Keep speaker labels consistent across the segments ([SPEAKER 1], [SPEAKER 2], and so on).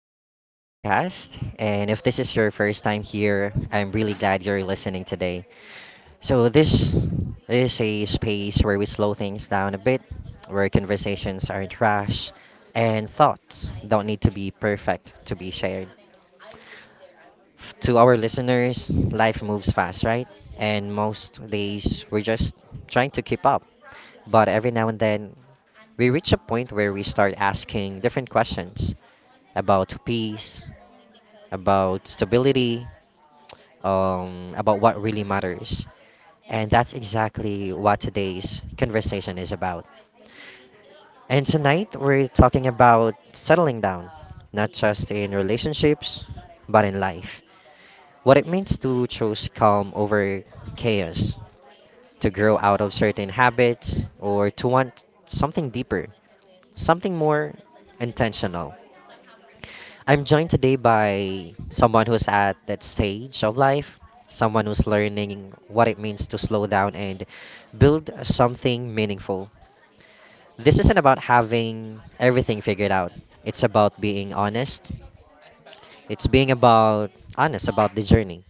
[SPEAKER 1] to our podcast. And if this is your first time here, I'm really glad you're listening today. So, this is a space where we slow things down a bit, where conversations aren't rash, and thoughts don't need to be perfect to be shared. To our listeners, life moves fast, right? And most days we're just trying to keep up. But every now and then, we reach a point where we start asking different questions about peace, about stability, about what really matters. And that's exactly what today's conversation is about. And tonight we're talking about settling down, not just in relationships, but in life. What it means to choose calm over chaos, to grow out of certain habits, or to want something deeper, something more intentional. I'm joined today by someone who's at that stage of life, someone who's learning what it means to slow down and build something meaningful. This isn't about having everything figured out, it's about being honest, it's being about honest about the journey.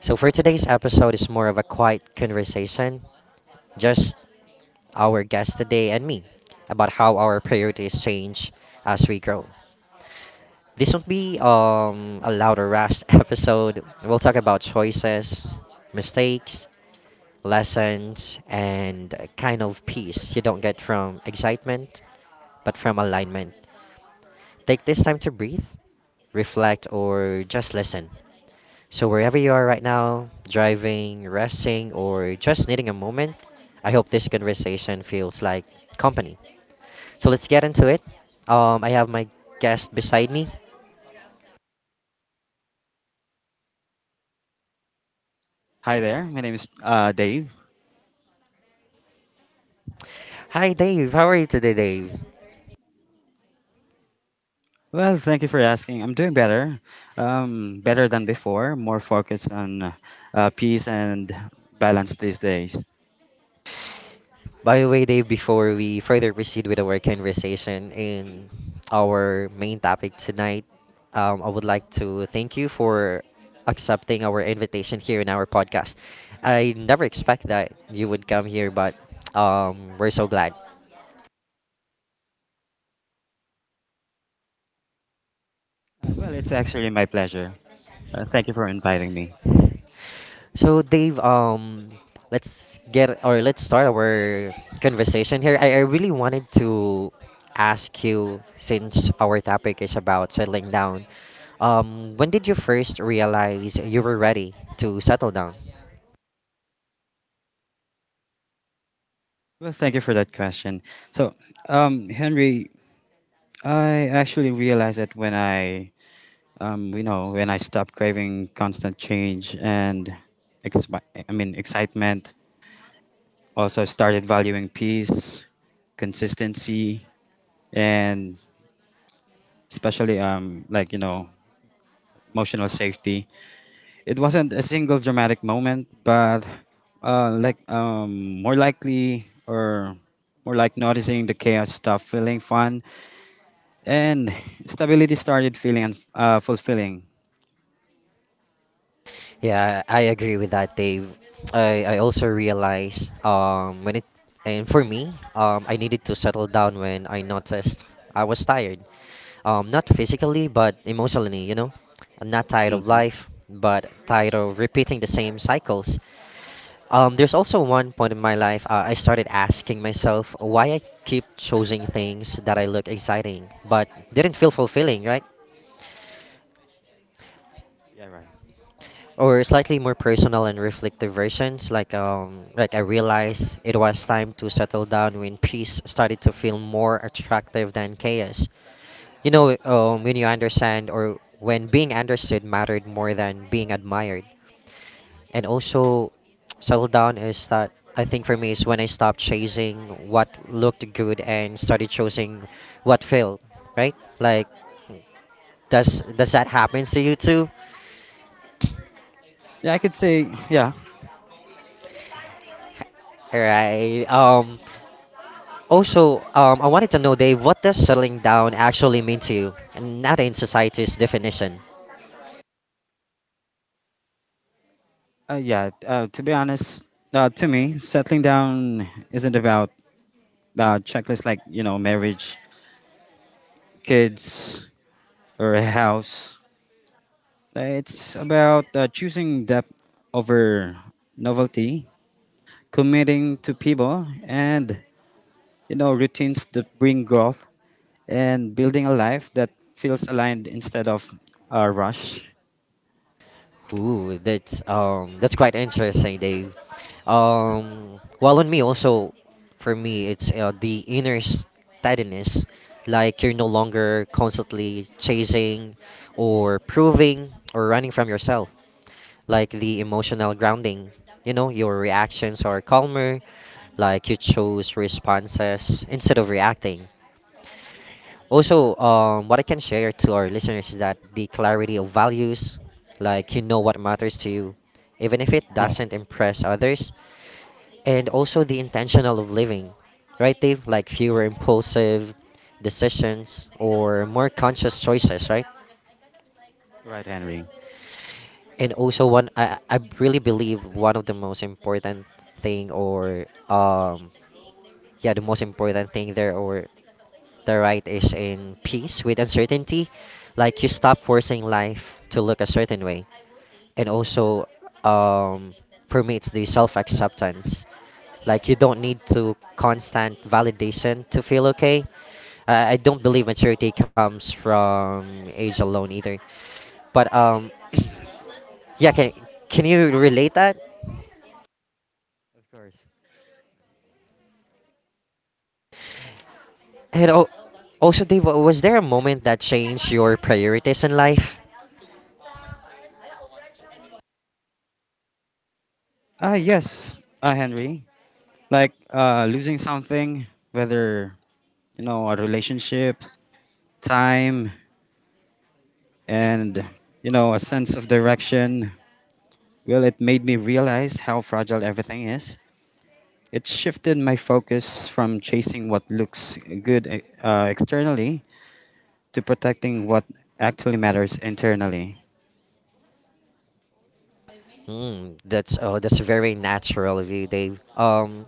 [SPEAKER 1] So for today's episode is more of a quiet conversation, just our guest today and me about how our priorities change as we grow. This won't be a loud or rash episode. We'll talk about choices, mistakes, lessons, and a kind of peace you don't get from excitement, but from alignment. Take this time to breathe, reflect, or just listen. So, wherever you are right now, driving, resting, or just needing a moment, I hope this conversation feels like company. So, let's get into it. I have my guest beside me.
[SPEAKER 2] Hi there. My name is Dave.
[SPEAKER 1] Hi, Dave. How are you today, Dave?
[SPEAKER 2] Well, thank you for asking. I'm doing better, better than before. More focused on peace and balance these days.
[SPEAKER 1] By the way, Dave, before we further proceed with our conversation in our main topic tonight, I would like to thank you for accepting our invitation here in our podcast. I never expect that you would come here, but we're so glad.
[SPEAKER 2] Well, it's actually my pleasure. Thank you for inviting me.
[SPEAKER 1] So Dave, let's get or let's start our conversation here. I really wanted to ask you since our topic is about settling down. When did you first realize you were ready to settle down?
[SPEAKER 2] Well, thank you for that question. So, Henry, I actually realized that when I stopped craving constant change and, ex- excitement, also started valuing peace, consistency, and especially emotional safety. It wasn't a single dramatic moment but uh like um more likely or more like noticing the chaos stopped feeling fun and stability started feeling fulfilling.
[SPEAKER 1] Yeah, I agree with that, Dave. I also realized when it and for me, I needed to settle down when I noticed I was tired. Not physically, but emotionally, you know? I'm not tired of
[SPEAKER 2] Hmm.
[SPEAKER 1] life, but tired of repeating the same cycles. There's also one point in my life I started asking myself why I keep choosing things that I look exciting but didn't feel fulfilling, right?
[SPEAKER 2] Yeah, right.
[SPEAKER 1] Or slightly more personal and reflective versions, like I realized it was time to settle down when peace started to feel more attractive than chaos, you know? When you understand or when being understood mattered more than being admired. And also, settle down is that, I think for me, is when I stopped chasing what looked good and started choosing what failed, right? Like, does that happen to you too?
[SPEAKER 2] Yeah, I could say yeah.
[SPEAKER 1] Right. Also, I wanted to know, Dave, what does settling down actually mean to you, and not in society's definition?
[SPEAKER 2] Uh, yeah to be honest, to me settling down isn't about checklist, like you know, marriage, kids, or a house. It's about choosing depth over novelty, committing to people, and you know routines that bring growth, and building a life that feels aligned instead of a rush.
[SPEAKER 1] Ooh, that's quite interesting, Dave. Well, on me also, for me, it's the inner steadiness, like you're no longer constantly chasing or proving or running from yourself. Like the emotional grounding. You know, your reactions are calmer, like you chose responses instead of reacting. Also, what I can share to our listeners is that the clarity of values, like you know what matters to you, even if it
[SPEAKER 2] Yeah.
[SPEAKER 1] doesn't impress others, and also the intentional of living, right, Dave? Like fewer impulsive decisions or more conscious choices, right?
[SPEAKER 2] Right, Henry.
[SPEAKER 1] And also one I really believe one of the most important thing or yeah the most important thing there or the right is in peace with uncertainty, like you stop forcing life to look a certain way. And also, um permits the self-acceptance, like you don't need to constant validation to feel okay. I don't believe maturity comes from age alone either, but yeah, can can you relate that?
[SPEAKER 2] Of course.
[SPEAKER 1] And oh, also, Dave, was there a moment that changed your priorities in life?
[SPEAKER 2] Ah, yes, Henry. Like losing something, whether you know a relationship, time, and you know a sense of direction. Well, it made me realize how fragile everything is. It shifted my focus from chasing what looks good externally to protecting what actually matters internally.
[SPEAKER 1] Mm, that's that's very natural of you, Dave.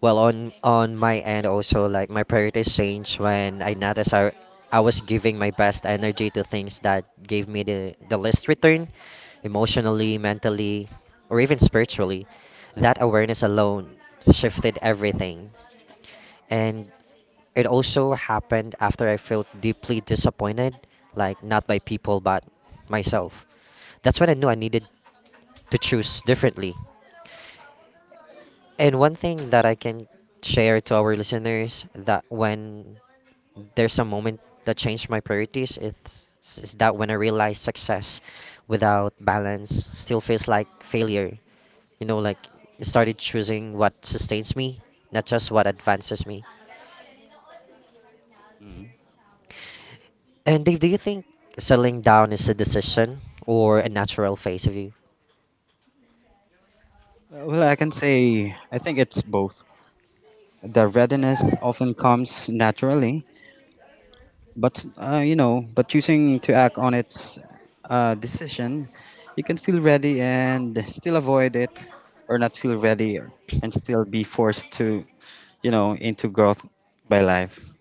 [SPEAKER 1] Well, on my end also, like my priorities changed when I noticed I was giving my best energy to things that gave me the least return, emotionally, mentally, or even spiritually. That awareness alone shifted everything. And it also happened after I felt deeply disappointed, like not by people, but myself. That's when I knew I needed to choose differently. And one thing that I can share to our listeners that when there's a moment that changed my priorities it's is that when I realized success without balance still feels like failure. You know, like I started choosing what sustains me, not just what advances me.
[SPEAKER 2] Mm.
[SPEAKER 1] And Dave, do you think settling down is a decision or a natural phase of you?
[SPEAKER 2] Well, I can say I think it's both. The readiness often comes naturally, but you know, but choosing to act on its decision, you can feel ready and still avoid it, or not feel ready or- and still be forced to, you know, into growth by life.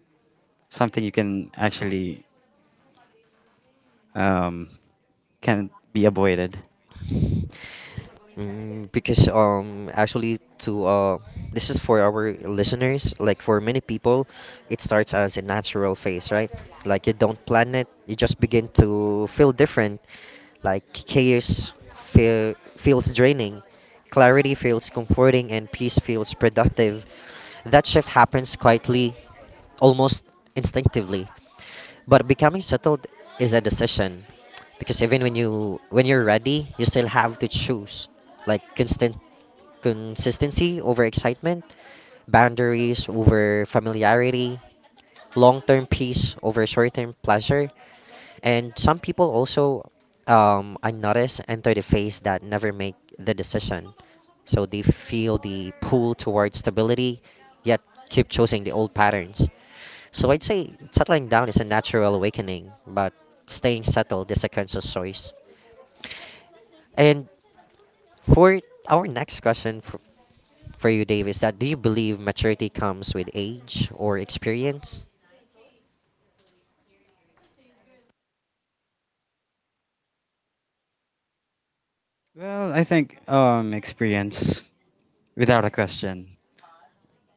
[SPEAKER 2] Something you can actually um, can be avoided?
[SPEAKER 1] Mm, because actually to this is for our listeners, like for many people it starts as a natural phase, right? Like you don't plan it, you just begin to feel different. Like feels draining, clarity feels comforting, and peace feels productive. That shift happens quietly, almost instinctively. But becoming settled is a decision because even when you're ready, you still have to choose, like constant consistency over excitement, boundaries over familiarity, long term peace over short term pleasure. And some people also, I notice, enter the phase that never make the decision. So they feel the pull towards stability, yet keep choosing the old patterns. So I'd say settling down is a natural awakening, but staying settled is a conscious choice. And for our next question for you, Dave, is that do you believe maturity comes with age or experience?
[SPEAKER 2] Well, I think experience, without a question.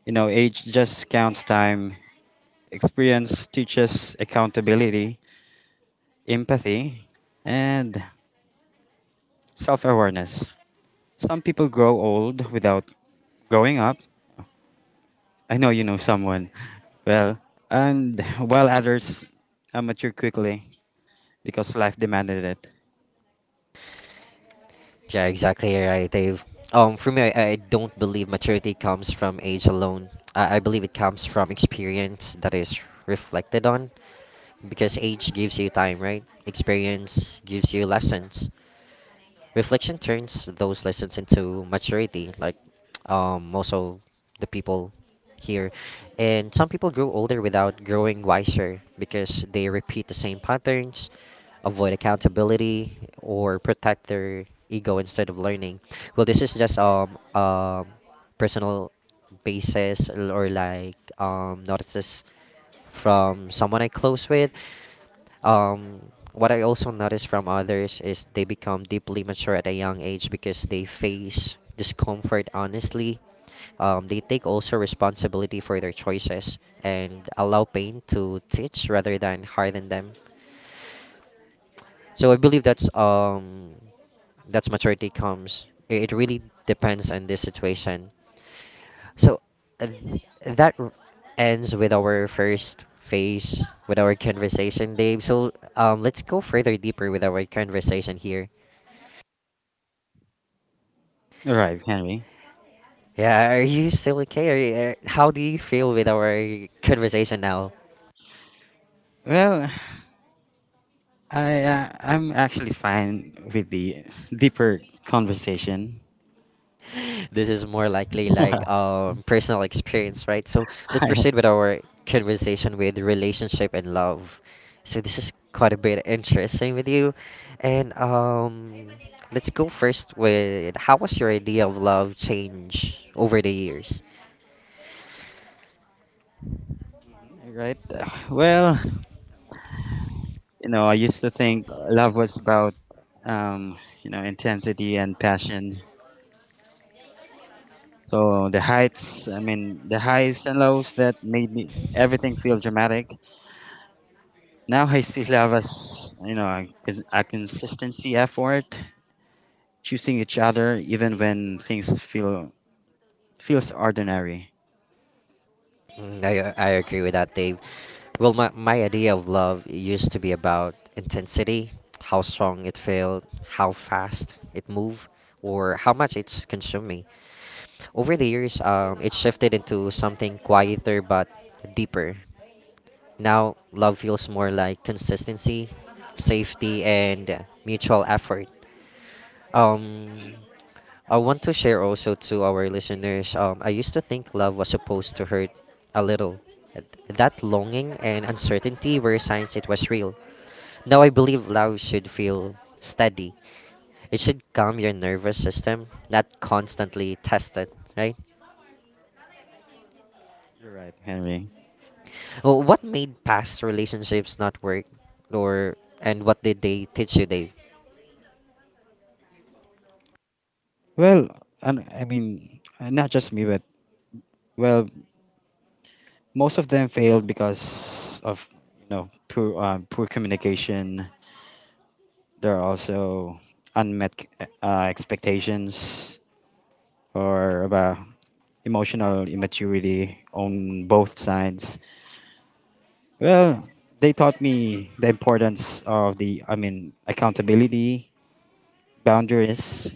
[SPEAKER 2] You know, age just counts time. Experience teaches accountability, empathy, and self awareness. Some people grow old without growing up. I know you know someone. Well, and while others mature quickly because life demanded it.
[SPEAKER 1] Yeah, exactly right, Dave. For me, I don't believe maturity comes from age alone. I believe it comes from experience that is reflected on, because age gives you time, right? Experience gives you lessons. Reflection turns those lessons into maturity, like most of the people here. And some people grow older without growing wiser because they repeat the same patterns, avoid accountability, or protect their ego instead of learning. Well, this is just personal basis l- or like notices from someone I close with. Um, what I also notice from others is they become deeply mature at a young age because they face discomfort honestly. They take also responsibility for their choices and allow pain to teach rather than harden them. So I believe that's maturity comes. It really depends on the situation. So uh, that r- ends with our first phase with our conversation, Dave. So let's go further deeper with our conversation here.
[SPEAKER 2] All right, Henry.
[SPEAKER 1] Yeah, are you still okay? Are you, how do you feel with our conversation now?
[SPEAKER 2] Well, I'm actually fine with the deeper conversation.
[SPEAKER 1] This is more likely like personal experience, right? So let's proceed with our conversation with relationship and love. So this is quite a bit interesting with you, and let's go first with how was your idea of love change over the years?
[SPEAKER 2] Right? Well, you know, I used to think love was about um, you know, intensity and passion. So the heights, I mean, the highs and lows that made me everything feel dramatic. Now I see love as, you know, a consistency effort, choosing each other even when things feels ordinary.
[SPEAKER 1] Mm, I agree with that, Dave. Well, my idea of love used to be about intensity, how strong it felt, how fast it moved, or how much it's consumed. Over the years, it shifted into something quieter but deeper. Now, love feels more like consistency, safety, and mutual effort. Um, I want to share also to our listeners. I used to think love was supposed to hurt a little. That longing and uncertainty were signs it was real. Now I believe love should feel steady. It should calm your nervous system, not constantly test it, right?
[SPEAKER 2] You're right, Henry.
[SPEAKER 1] Well, what made past relationships not work, or and what did they teach you, Dave?
[SPEAKER 2] Well, and I mean, not just me, but well, most of them failed because of you know poor communication. There are also unmet expectations or about emotional immaturity on both sides. Well, they taught me the importance of the I mean accountability, boundaries,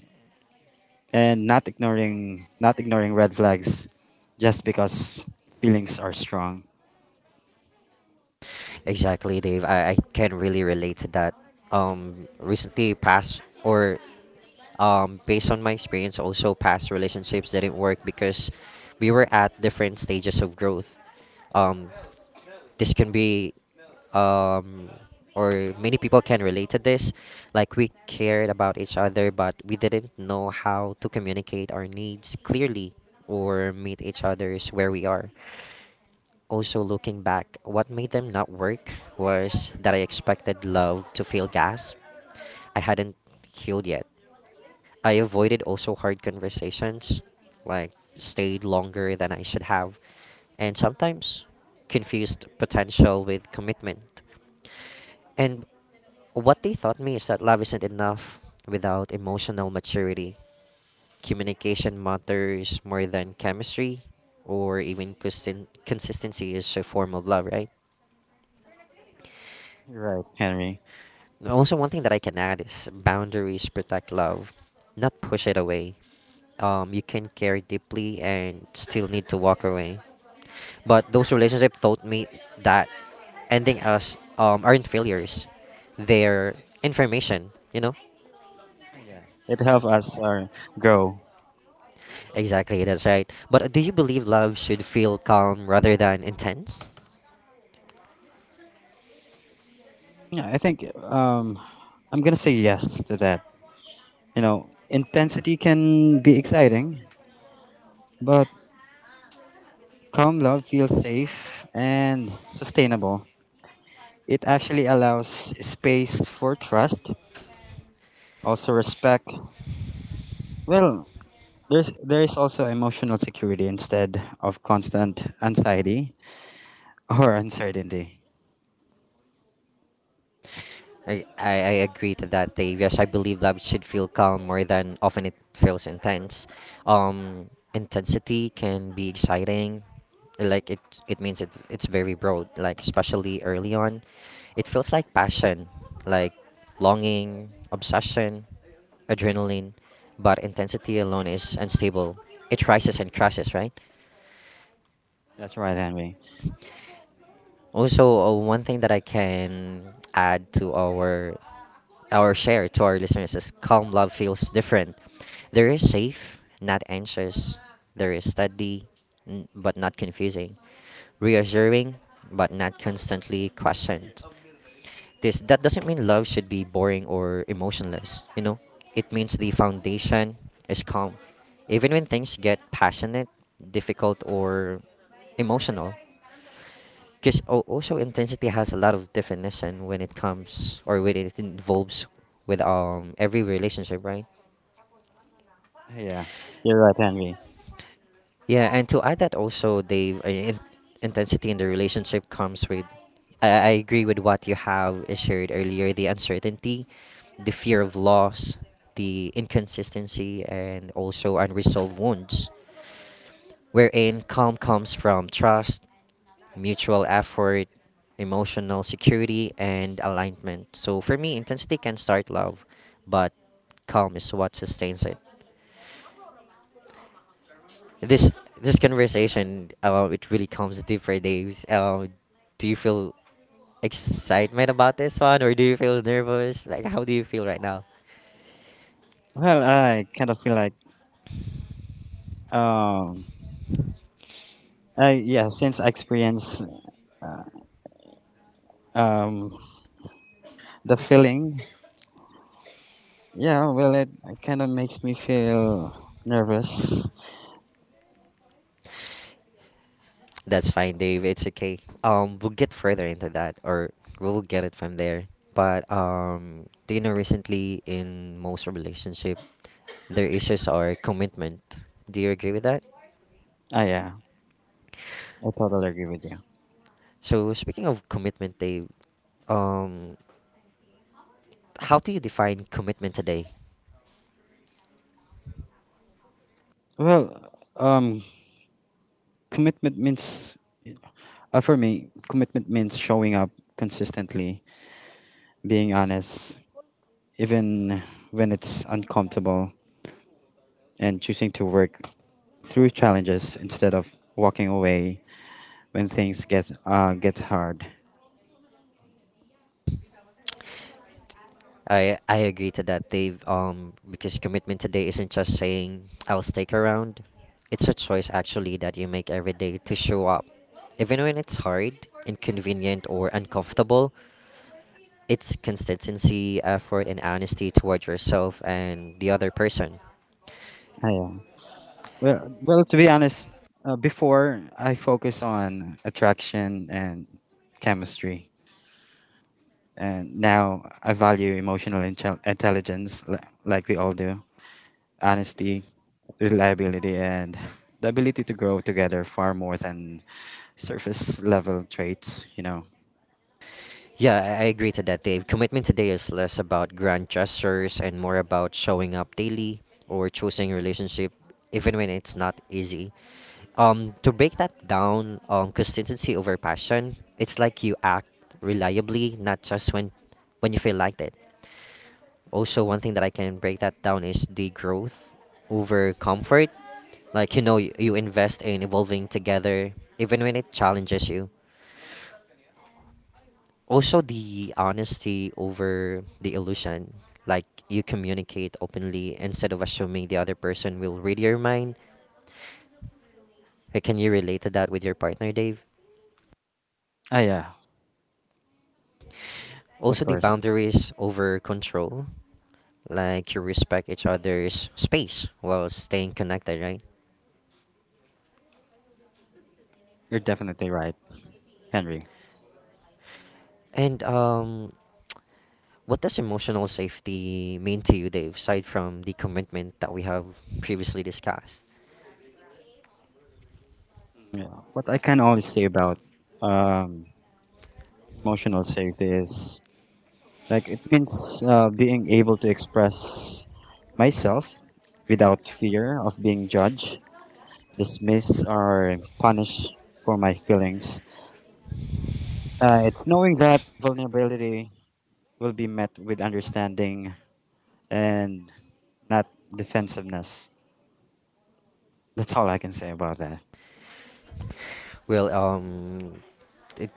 [SPEAKER 2] and not ignoring red flags just because feelings are strong.
[SPEAKER 1] Exactly, Dave. I can really relate to that. Recently, past or based on my experience, also past relationships didn't work because we were at different stages of growth. Um, this can be um or many people can relate to this, like we cared about each other but we didn't know how to communicate our needs clearly or meet each other's where we are. Also, looking back, what made them not work was that I expected love to feel gas. I hadn't healed yet. I avoided also hard conversations, like stayed longer than I should have, and sometimes confused potential with commitment. And what they taught me is that love isn't enough without emotional maturity. Communication matters more than chemistry, or even consistency is a form of love, right?
[SPEAKER 2] Right, Henry.
[SPEAKER 1] Also, one thing that I can add is boundaries protect love, not push it away. You can care deeply and still need to walk away. But those relationships taught me that ending us aren't failures, they're information.
[SPEAKER 2] Yeah, it helped us grow.
[SPEAKER 1] Exactly, that's right. But do you believe love should feel calm rather than intense?
[SPEAKER 2] Yeah, I think I'm gonna say yes to that. You know, intensity can be exciting, but calm love feels safe and sustainable. It actually allows space for trust, also respect. Well, there is also emotional security instead of constant anxiety or uncertainty.
[SPEAKER 1] I, I, I agree to that, Dave. Yes, I believe love should feel calm more than often it feels intense. Intensity can be exciting, like it means it's very broad like especially early on it feels like passion like longing obsession adrenaline but intensity alone is unstable it rises and crashes right.
[SPEAKER 2] That's right, Henry.
[SPEAKER 1] Also, one thing that I can add to our share to our listeners is calm love feels different. There is safe, not anxious. There is steady, but not confusing. Reassuring, but not constantly questioned. This That doesn't mean love should be boring or emotionless. You know, it means the foundation is calm, even when things get passionate, difficult, or emotional. Because also intensity has a lot of definition when it comes or when it involves with every relationship, right?
[SPEAKER 2] Yeah, you're right, Henry.
[SPEAKER 1] Yeah, and to add that also, Dave, in intensity in the relationship comes with. I agree with what you have shared earlier, the uncertainty, the fear of loss, the inconsistency, and also unresolved wounds, wherein calm comes from trust, mutual effort, emotional security, and alignment. So for me, intensity can start love, but calm is what sustains it. This this conversation, it really comes deeper days. Do you feel excitement about this one, or do you feel nervous? Like, how do you feel right now?
[SPEAKER 2] Well, I kind of feel like um I yeah since I experience uh, um the feeling. Yeah, well, it kind of makes me feel nervous.
[SPEAKER 1] That's fine, Dave. It's okay. We'll get further into that, or we'll get it from there. But do you know recently in most relationship, their issues are commitment. Do you agree with that?
[SPEAKER 2] Ah yeah, I totally agree with you.
[SPEAKER 1] So speaking of commitment, Dave, um, how do you define commitment today?
[SPEAKER 2] well um Commitment means for me commitment means showing up consistently, being honest even when it's uncomfortable, and choosing to work through challenges instead of walking away when things get hard.
[SPEAKER 1] I agree to that, Dave. Because commitment today isn't just saying I'll stick around. It's a choice actually that you make every day to show up, even when it's hard, inconvenient, or uncomfortable. It's consistency, effort, and honesty toward yourself and the other person.
[SPEAKER 2] Ah yeah. To be honest, before I focus on attraction and chemistry, and now I value emotional intelligence, like we all do, honesty, reliability, and the ability to grow together far more than surface level traits. You know.
[SPEAKER 1] Yeah, I agree to that, Dave. Commitment today is less about grand gestures and more about showing up daily or choosing relationship, even when it's not easy. To break that down, consistency over passion. It's like you act reliably, not just when you feel like it. Also, one thing that I can break that down is the growth over comfort. Like you know, you invest in evolving together, even when it challenges you. Also, the honesty over the illusion. Like you communicate openly instead of assuming the other person will read your mind. Like, can you relate to that with your partner, Dave?
[SPEAKER 2] Ah, yeah, of
[SPEAKER 1] Also, the
[SPEAKER 2] course.
[SPEAKER 1] boundaries over control, like you respect each other's space while staying connected, right?
[SPEAKER 2] You're definitely right, Henry.
[SPEAKER 1] And what does emotional safety mean to you, Dave, aside from the commitment that we have previously discussed?
[SPEAKER 2] Yeah. What I can only say about um, emotional safety is, like it means being able to express myself without fear of being judged, dismissed, or punished for my feelings. It's knowing that vulnerability will be met with understanding and not defensiveness. That's all I can say about that.
[SPEAKER 1] Well, it,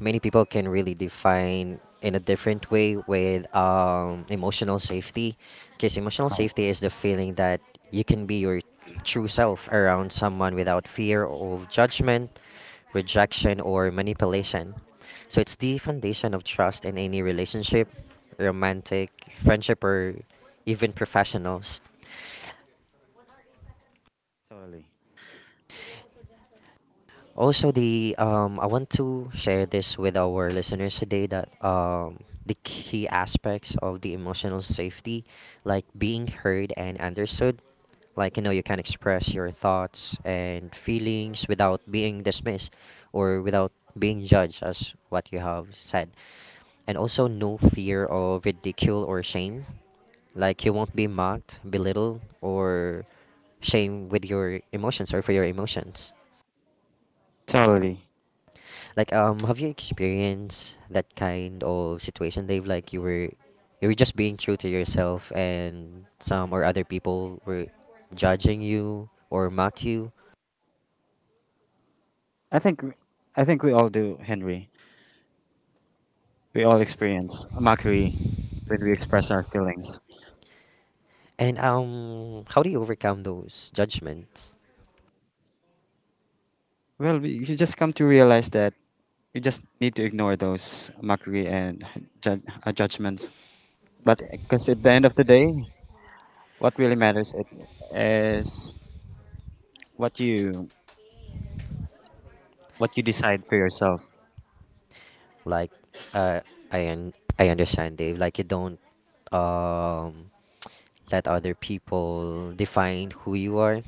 [SPEAKER 1] many people can really define in a different way with emotional safety, because emotional
[SPEAKER 2] Oh.
[SPEAKER 1] safety is the feeling that you can be your true self around someone without fear of judgment rejection, or manipulation. So it's the foundation of trust in any relationship, romantic, friendship, or even professionals.
[SPEAKER 2] Totally,
[SPEAKER 1] Also, the I want to share this with our listeners today that the key aspects of the emotional safety, like being heard and understood, like you know, you can express your thoughts and feelings without being dismissed or without being judged as what you have said. And also no fear of ridicule or shame. Like you won't be mocked, belittled, or shamed with your emotions or for your emotions.
[SPEAKER 2] totally.
[SPEAKER 1] Like have you experienced that kind of situation, Dave? Like you were just being true to yourself, and some or other people were judging you or mocked you.
[SPEAKER 2] I think I think we all do, Henry. We all experience mockery when we express our feelings.
[SPEAKER 1] And how do you overcome those judgments?
[SPEAKER 2] Well, we you should just come to realize that you just need to ignore those mockery and judgments. But because at the end of the day, what really matters it is what you what you decide for yourself.
[SPEAKER 1] Like, uh, I un- I understand, Dave. Like you don't um let other people define who you are.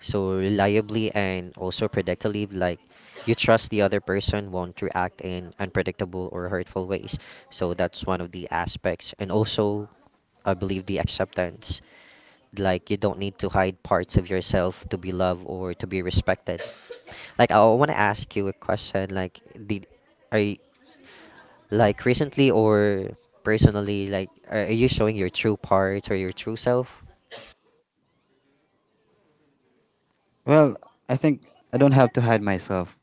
[SPEAKER 1] So reliably and also predictably, like you trust the other person won't react in unpredictable or hurtful ways. So that's one of the aspects. And also, I believe the acceptance. Like you don't need to hide parts of yourself to be loved or to be respected. Like I want to ask you a question. Like did are you, like recently or personally like are you showing your true parts or your true self?
[SPEAKER 2] Well, I think I don't have to hide myself.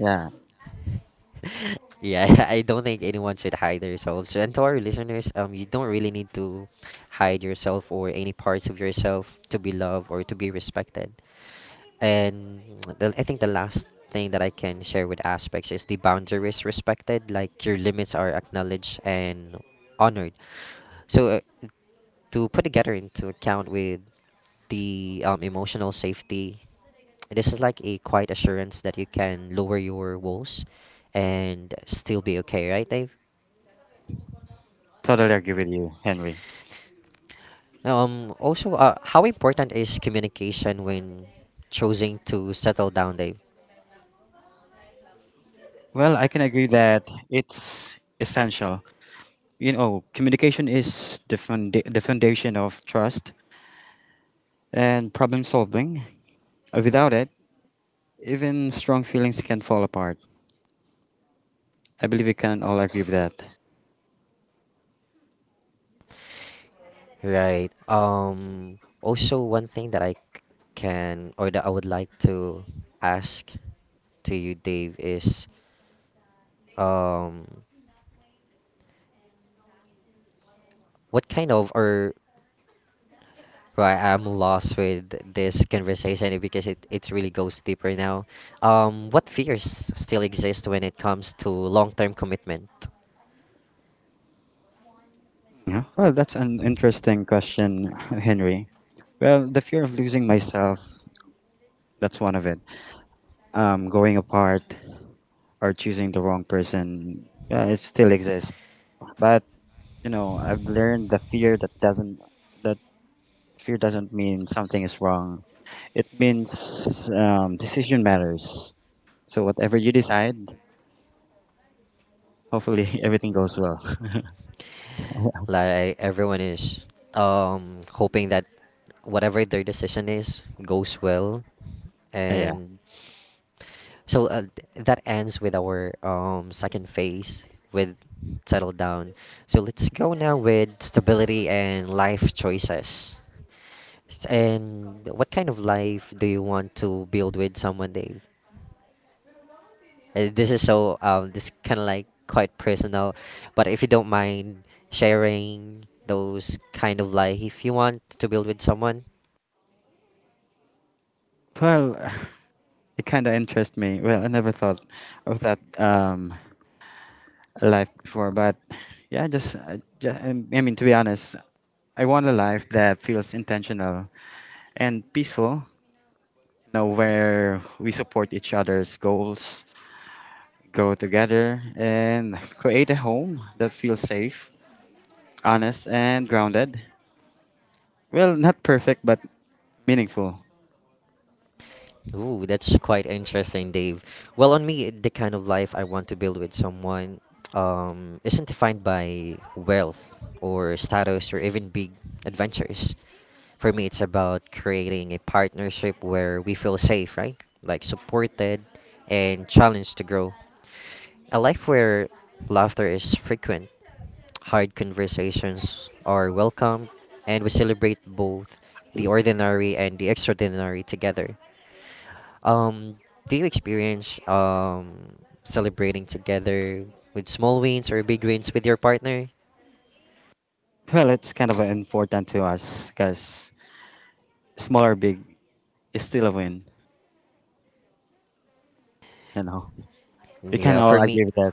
[SPEAKER 2] Yeah,
[SPEAKER 1] Yeah, I don't think anyone should hide themselves. And to our listeners, you don't really need to hide yourself or any parts of yourself to be loved or to be respected. And I think the last thing that I can share with aspects is the boundaries respected, like your limits are acknowledged and honored. So to put together into account with the emotional safety, this is like a quiet assurance that you can lower your walls and still be okay, right, Dave?
[SPEAKER 2] totally agree with you, Henry.
[SPEAKER 1] Also, how important is communication when choosing to settle down, Dave?
[SPEAKER 2] Well, I can agree that it's essential. You know, communication is the foundation of trust and problem solving. Without it, even strong feelings can fall apart. I believe we can all agree with that.
[SPEAKER 1] Right. Also, one thing that can or that I would like to ask to you, Dave, is um, what kind of or well, I'm lost with this conversation because it really goes deeper now. What fears still exist when it comes to long-term commitment?
[SPEAKER 2] Yeah. Well, that's an interesting question, Henry. Well, the fear of losing myself, that's one of it. Going apart or choosing the wrong person, yeah, it still exists. But, you know, I've learned the fear that doesn't that fear doesn't mean something is wrong. It means decision matters. So whatever you decide, hopefully everything goes well.
[SPEAKER 1] Like everyone is hoping that whatever their decision is goes well
[SPEAKER 2] Yeah.
[SPEAKER 1] and So that ends with our second phase with settle down. So let's go now with stability and life choices. And what kind of life do you want to build with someone, Dave? This is so this kind of like quite personal, but if you don't mind sharing those kind of life you want to build with someone,
[SPEAKER 2] Well, it kind of interests me. Well, I never thought of that life before, but yeah, to be honest, I want a life that feels intentional and peaceful, you know, where we support each other's goals, go together, and create a home that feels safe, honest, and grounded. Well, not perfect, but meaningful.
[SPEAKER 1] ooh, that's quite interesting, Dave. Well, on me, the kind of life I want to build with someone isn't defined by wealth or status or even big adventures. For me, it's about creating a partnership where we feel safe, right? Like supported and challenged to grow. A life where laughter is frequent, hard conversations are welcome, and we celebrate both the ordinary and the extraordinary together. Um, do you experience celebrating together with small wins or big wins with your partner?
[SPEAKER 2] Well, it's kind of important to us because small or big is still a win. You know, we can
[SPEAKER 1] Yeah,
[SPEAKER 2] all
[SPEAKER 1] for me,
[SPEAKER 2] agree with that.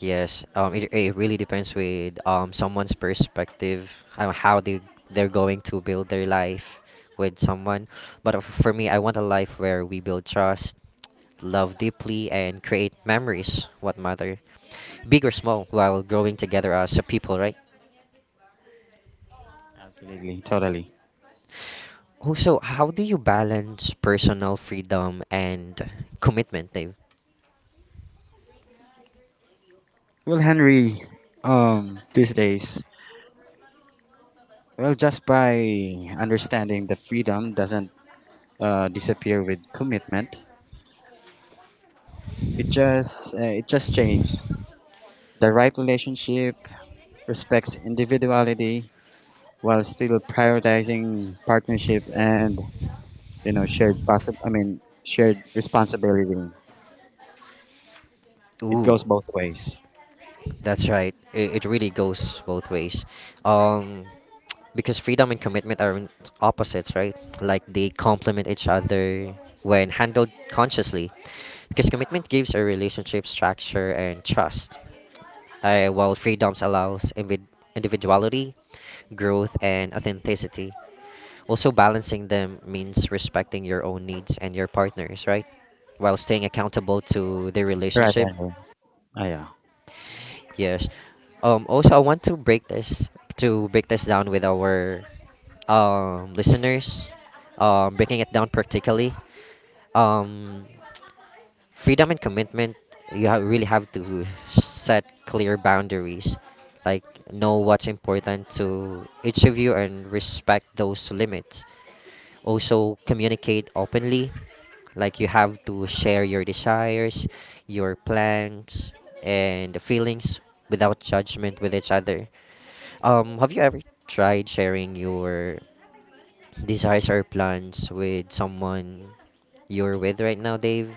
[SPEAKER 1] yes. It really depends with someone's perspective, how they they're going to build their life with someone. But for me, I want a life where we build trust, love deeply, and create memories. What matter, big or small, while growing together as a people, right?
[SPEAKER 2] Absolutely, totally.
[SPEAKER 1] Also, how do you balance personal freedom and commitment, Dave?
[SPEAKER 2] Well, Henry, these days, well, just by understanding the freedom doesn't disappear with commitment. It just changed. The right relationship respects individuality while still prioritizing partnership and you know shared possi- I mean shared responsibility. It
[SPEAKER 1] Ooh,
[SPEAKER 2] goes both ways.
[SPEAKER 1] that's right. It really goes both ways. Um, because freedom and commitment aren't opposites, right? Like they complement each other when handled consciously. Because commitment gives a relationship structure and trust, while freedoms allows individuality, growth, and authenticity. Also, balancing them means respecting your own needs and your partners, right? While staying accountable to the
[SPEAKER 2] Right,
[SPEAKER 1] relationship.
[SPEAKER 2] Henry. Ah, yeah.
[SPEAKER 1] Yes. Also, I want to break this down with our listeners. Breaking it down practically. Um, freedom and commitment. Really have to set clear boundaries. Like know what's important to each of you and respect those limits. Also, communicate openly. Like you have to share your desires, your plans, and the feelings without judgment with each other. Have you ever tried sharing your desires or plans with someone you're with right now, Dave?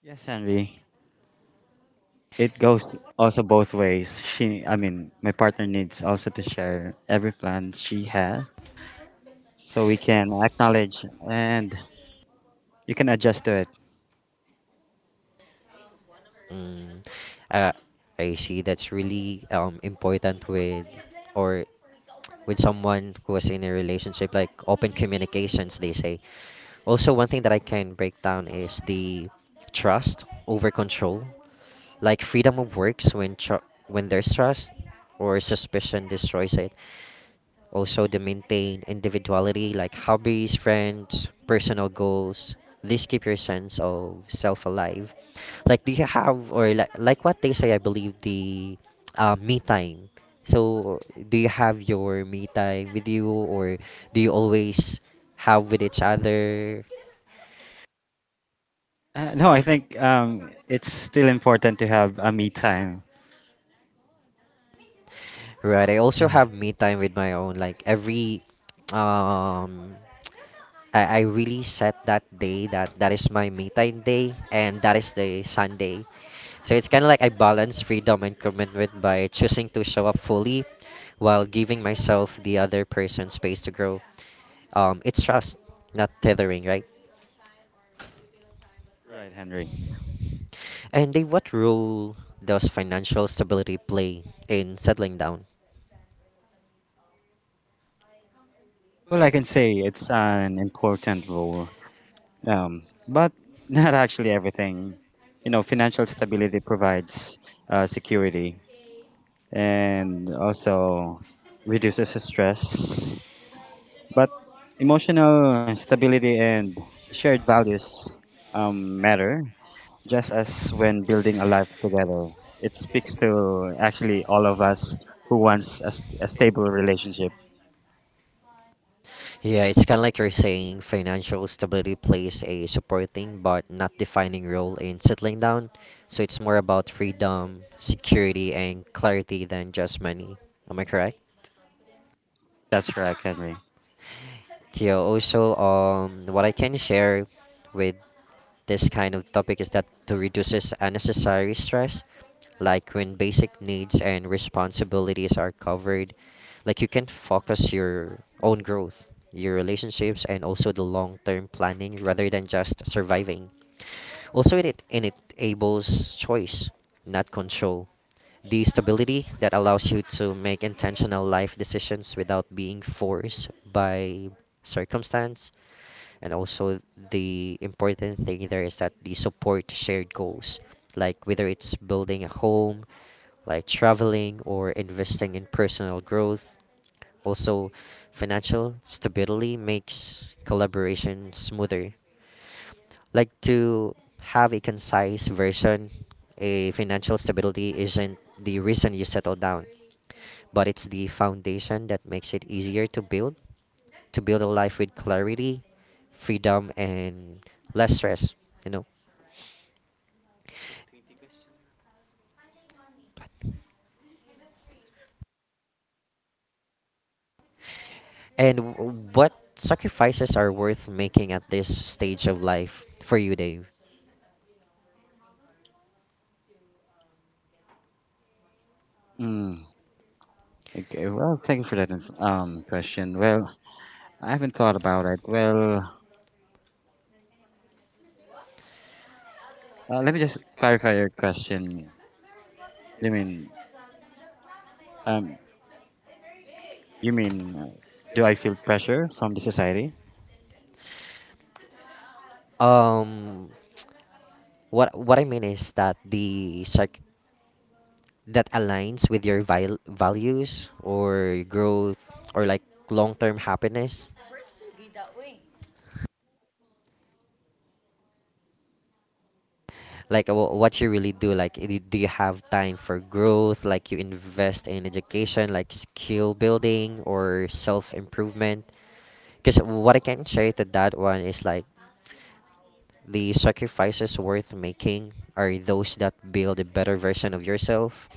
[SPEAKER 2] Yes, Henry. It goes also both ways. My partner needs also to share every plan she has, so we can acknowledge and you can adjust to it.
[SPEAKER 1] Mm, uh, I see that's really important with or with someone who is in a relationship, like open communications, they say. Also, one thing that I can break down is the trust over control. Like freedom of works when when there's trust or suspicion destroys it. Also, the maintain individuality like hobbies, friends, personal goals. These keep your sense of self alive. Like do you have or like what they say? I believe the me time. So do you have your me time with you or do you always have with each other
[SPEAKER 2] No, I think it's still important to have a me time,
[SPEAKER 1] right. I also have me time with my own. Like every, um, I really set that day that that is my me time day, and that is the Sunday. So it's kind of like I balance freedom and commitment by choosing to show up fully while giving myself the other person space to grow. It's trust, not tethering, right?
[SPEAKER 2] right, Henry?
[SPEAKER 1] And Dave, what role does financial stability play in settling down?
[SPEAKER 2] Well, I can say it's an important role, but not actually everything. You know, financial stability provides security and also reduces the stress. But emotional stability and shared values matter just as when building a life together. It speaks to actually all of us who wants a stable relationship.
[SPEAKER 1] Yeah, it's kind of like you're saying financial stability plays a supporting but not defining role in settling down. So it's more about freedom, security, and clarity than just money. Am I correct?
[SPEAKER 2] That's right, Henry.
[SPEAKER 1] Yeah, also, what I can share with this kind of topic is that to reduces unnecessary stress, like when basic needs and responsibilities are covered, like you can focus your own growth, your relationships, and also the long-term planning rather than just surviving. Also, it enables choice, not control. The stability that allows you to make intentional life decisions without being forced by circumstance. And also, the important thing there is that the support shared goals, like whether it's building a home, like traveling, or investing in personal growth. Also, financial stability makes collaboration smoother. Like to have a concise version, a financial stability isn't the reason you settle down, but it's the foundation that makes it easier to build a life with clarity, freedom, and less stress, you know. And what sacrifices are worth making at this stage of life for you, Dave?
[SPEAKER 2] Mm, okay, well, thank you for that question. Well, I haven't thought about it. Well, let me just clarify your question. You mean, um, you mean, uh, do I feel pressure from the society?
[SPEAKER 1] Um, what I mean is that the sarc that aligns with your vil values or growth or like long-term happiness. Like what you really do. Like do you have time for growth? Like you invest in education, like skill building or self-improvement. Because what I can share to that one is like the sacrifices worth making are those that build a better version of yourself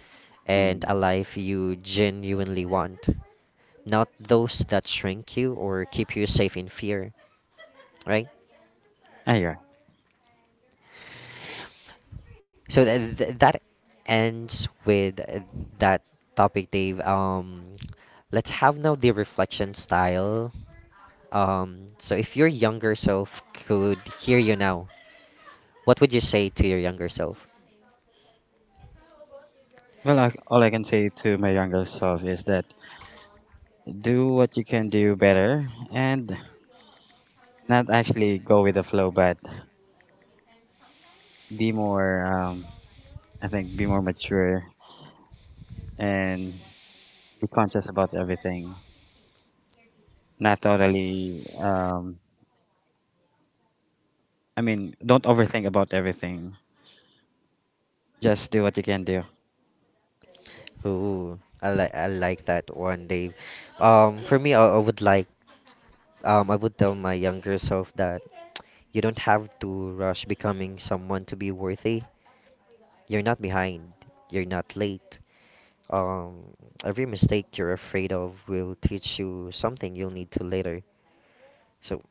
[SPEAKER 1] and
[SPEAKER 2] Mm.
[SPEAKER 1] a life you genuinely want, not those that shrink you or keep you safe in fear, right?
[SPEAKER 2] Ah, yeah.
[SPEAKER 1] So that ends with that topic, Dave. Let's have now the reflection style. So if your younger self could hear you now, what would you say to your younger self?
[SPEAKER 2] Well, I, all I can say to my younger self is that do what you can do better and not actually go with the flow, but be more, I think, be more mature and be conscious about everything. Not totally, I mean, don't overthink about everything. Just do what you can do.
[SPEAKER 1] Ooh, I like that one, Dave. For me, I would I would tell my younger self that you don't have to rush becoming someone to be worthy. You're not behind. You're not late. Um, every mistake you're afraid of will teach you something you'll need to later. So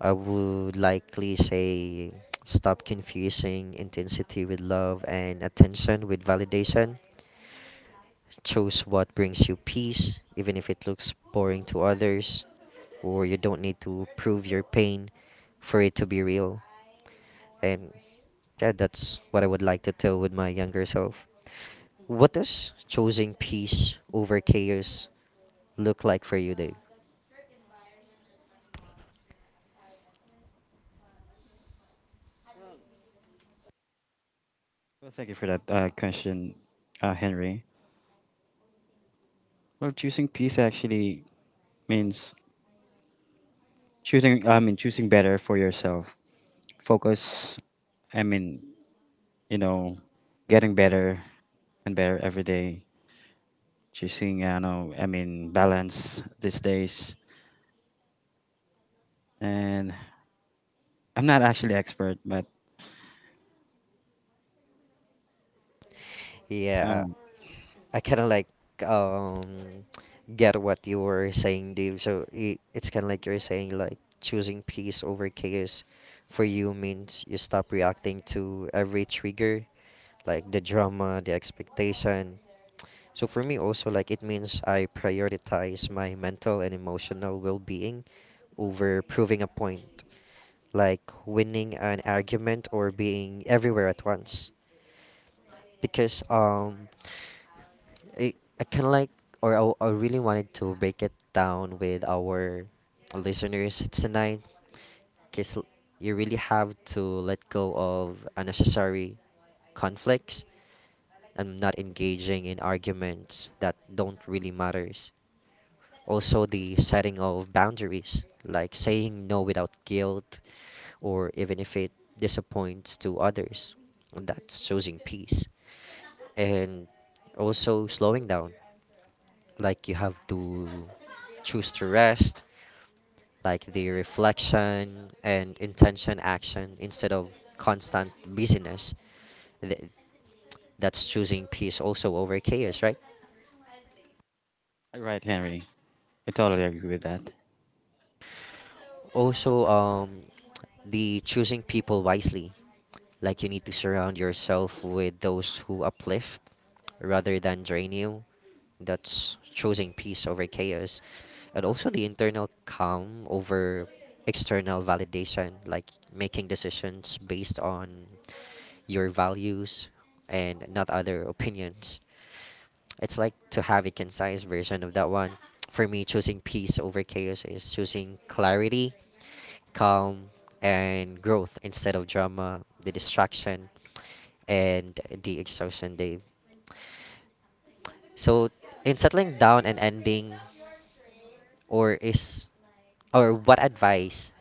[SPEAKER 1] I would likely say stop confusing intensity with love and attention with validation. Choose what brings you peace, even if it looks boring to others, or you don't need to prove your pain for it to be real. And yeah, that's what I would like to tell with my younger self. What does choosing peace over chaos look like for you, Dave?
[SPEAKER 2] Well, thank you for that question, Henry. Well, choosing peace actually means choosing better for yourself. Focus. I mean, you know, getting better and better every day. Choosing, I know, I mean, Balance these days. And I'm not actually expert, but
[SPEAKER 1] Yeah,
[SPEAKER 2] um,
[SPEAKER 1] I kind of like um get what you were saying, Dave. So I it's kind of like you're saying like choosing peace over chaos for you means you stop reacting to every trigger, like the drama, the expectation. So for me also like it means I prioritize my mental and emotional well-being over proving a point, like winning an argument or being everywhere at once. Because I, I kind of like, or I really wanted to break it down with our listeners tonight, because you really have to let go of unnecessary conflicts and not engaging in arguments that don't really matters. Also, the setting of boundaries, like saying no without guilt, or even if it disappoints to others. And that's choosing peace. And also slowing down. Like you have to choose to rest, like the reflection and intention action instead of constant busyness. Th- That's choosing peace also over chaos, right?
[SPEAKER 2] right, Henry, I totally agree with that.
[SPEAKER 1] Also, the choosing people wisely. Like you need to surround yourself with those who uplift rather than drain you. That's choosing peace over chaos. And also the internal calm over external validation, like making decisions based on your values and not other opinions. It's like to have a concise version of that one. For me, choosing peace over chaos is choosing clarity, calm, and growth instead of drama, the distraction, and the exhaustion, Dave. So, in settling down and ending or is or what advice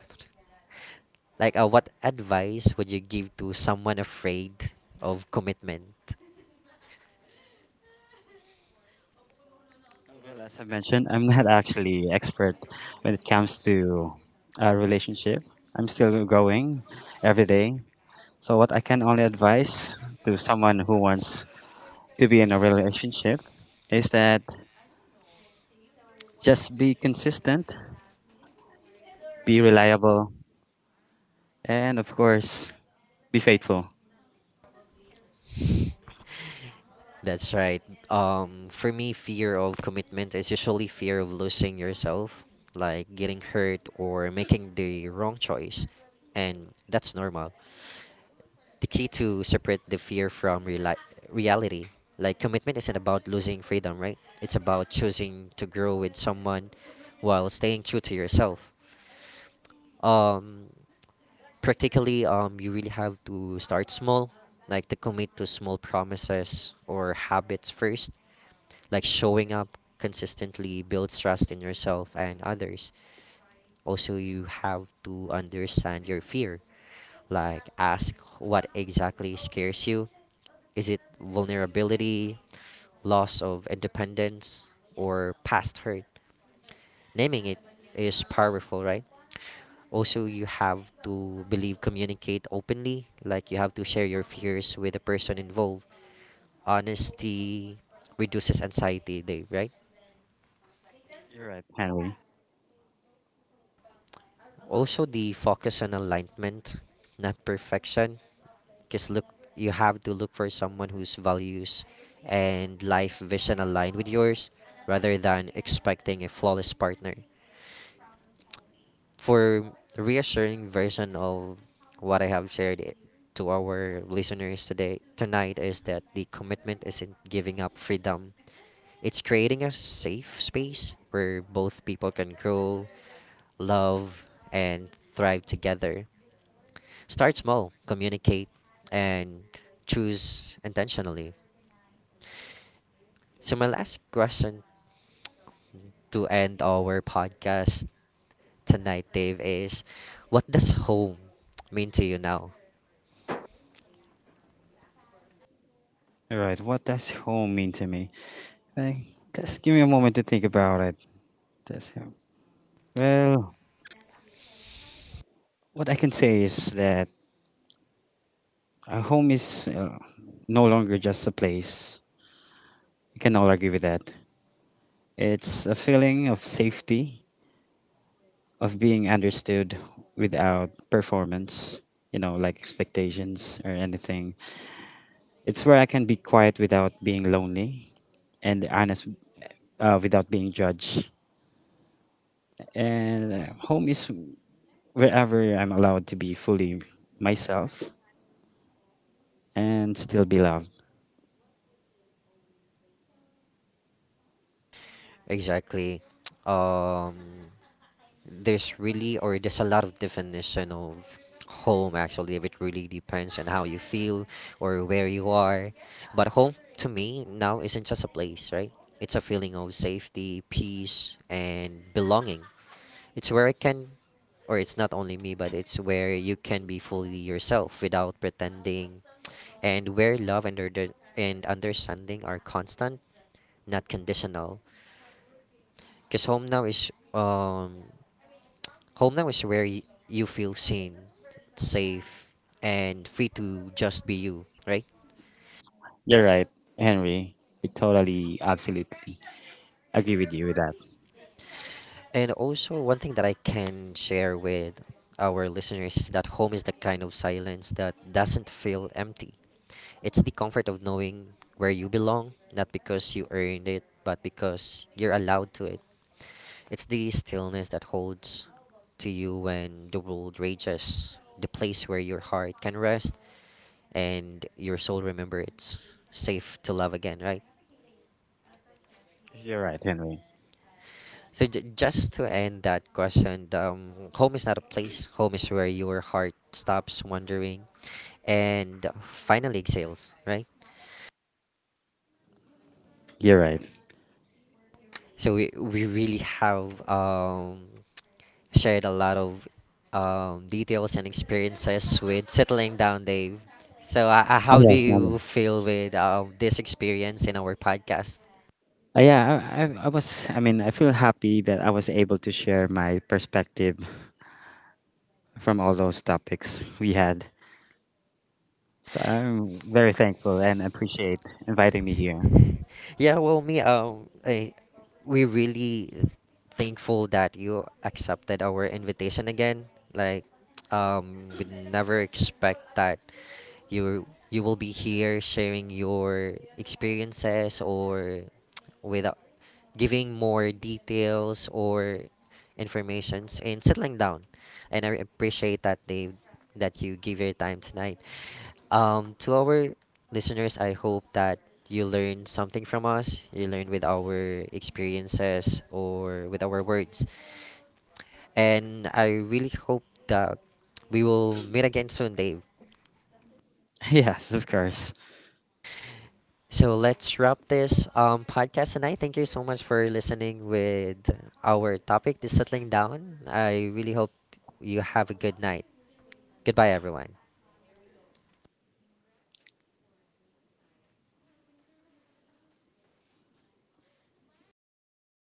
[SPEAKER 1] like what advice would you give to someone afraid of commitment?
[SPEAKER 2] Well, as I mentioned, I'm not actually expert when it comes to a relationship. I'm still going every day. So what I can only advise to someone who wants to be in a relationship is that just be consistent, be reliable, and of course, be faithful.
[SPEAKER 1] That's right. For me, fear of commitment is usually fear of losing yourself, like getting hurt or making the wrong choice, and that's normal. The key to separate the fear from reality. Like commitment isn't about losing freedom, right? It's about choosing to grow with someone while staying true to yourself. Um, practically, you really have to start small, like to commit to small promises or habits first. Like showing up consistently builds trust in yourself and others. Also, you have to understand your fear, like ask what exactly scares you. Is it vulnerability, loss of independence, or past hurt? Naming it is powerful, right? Also, you have to believe, communicate openly. Like, you have to share your fears with the person involved. Honesty reduces anxiety, Dave, right?
[SPEAKER 2] You're right, Henry.
[SPEAKER 1] Also, the focus on alignment, not perfection, because look, you have to look for someone whose values and life vision align with yours rather than expecting a flawless partner. For reassuring version of what I have to our listeners today tonight is that the commitment isn't giving up freedom. It's creating a safe space where both people can grow, love, and thrive together. Start small, communicate, and choose intentionally. So, my last question to end our podcast tonight, Dave, is what does home mean to you now?
[SPEAKER 2] You're right. What does home mean to me? Like, just give me a moment to think about it. Does home. Well, what I can say is that a home is no longer just a place. You can all agree with that. It's a feeling of safety, of being understood without performance, you know, like expectations or anything. It's where I can be quiet without being lonely and honest without being judged. And home is wherever I'm allowed to be fully myself and still be loved.
[SPEAKER 1] Exactly. Um, there's really, or there's a lot of definition of home actually. It really depends on how you feel or where you are. But home to me now isn't just a place, right? It's a feeling of safety, peace, and belonging. It's where I can, or it's not only me, but it's where you can be fully yourself without pretending, and where love and understanding are constant, not conditional. Because home now is home now is where you feel seen, safe, and free to just be you, right?
[SPEAKER 2] You're right, Henry. I totally, absolutely agree with you with that.
[SPEAKER 1] And also, one thing that I can share with our listeners is that home is the kind of silence that doesn't feel empty. It's the comfort of knowing where you belong, not because you earned it, but because you're allowed to it. It's the stillness that holds to you when the world rages, the place where your heart can rest and your soul remember it's safe to love again, right?
[SPEAKER 2] You're right, Henry.
[SPEAKER 1] So just to end that question, home is not a place. Home is where your heart stops wandering and finally exhales, right?
[SPEAKER 2] You're right.
[SPEAKER 1] So we really have shared a lot of details and experiences with settling down, Dave. So,
[SPEAKER 2] Oh,
[SPEAKER 1] how do
[SPEAKER 2] yes, Henry.
[SPEAKER 1] you feel with this experience in our podcast?
[SPEAKER 2] I feel happy that I was able to share my perspective from all those topics we had. So I'm very thankful and appreciate inviting me here.
[SPEAKER 1] Yeah, well, me, we really thankful that you accepted our invitation again. Like, we never expect that you will be here sharing your experiences or with giving more details or informations and settling down. And I appreciate that you give your time tonight. To our listeners, I hope that you learn something from us. You learn with our experiences or with our words. And I really hope that we will meet again soon, Dave.
[SPEAKER 2] Yes, of course.
[SPEAKER 1] So let's wrap this podcast tonight. Thank you so much for listening with our topic, the settling down. I really hope you have a good night. Goodbye, everyone.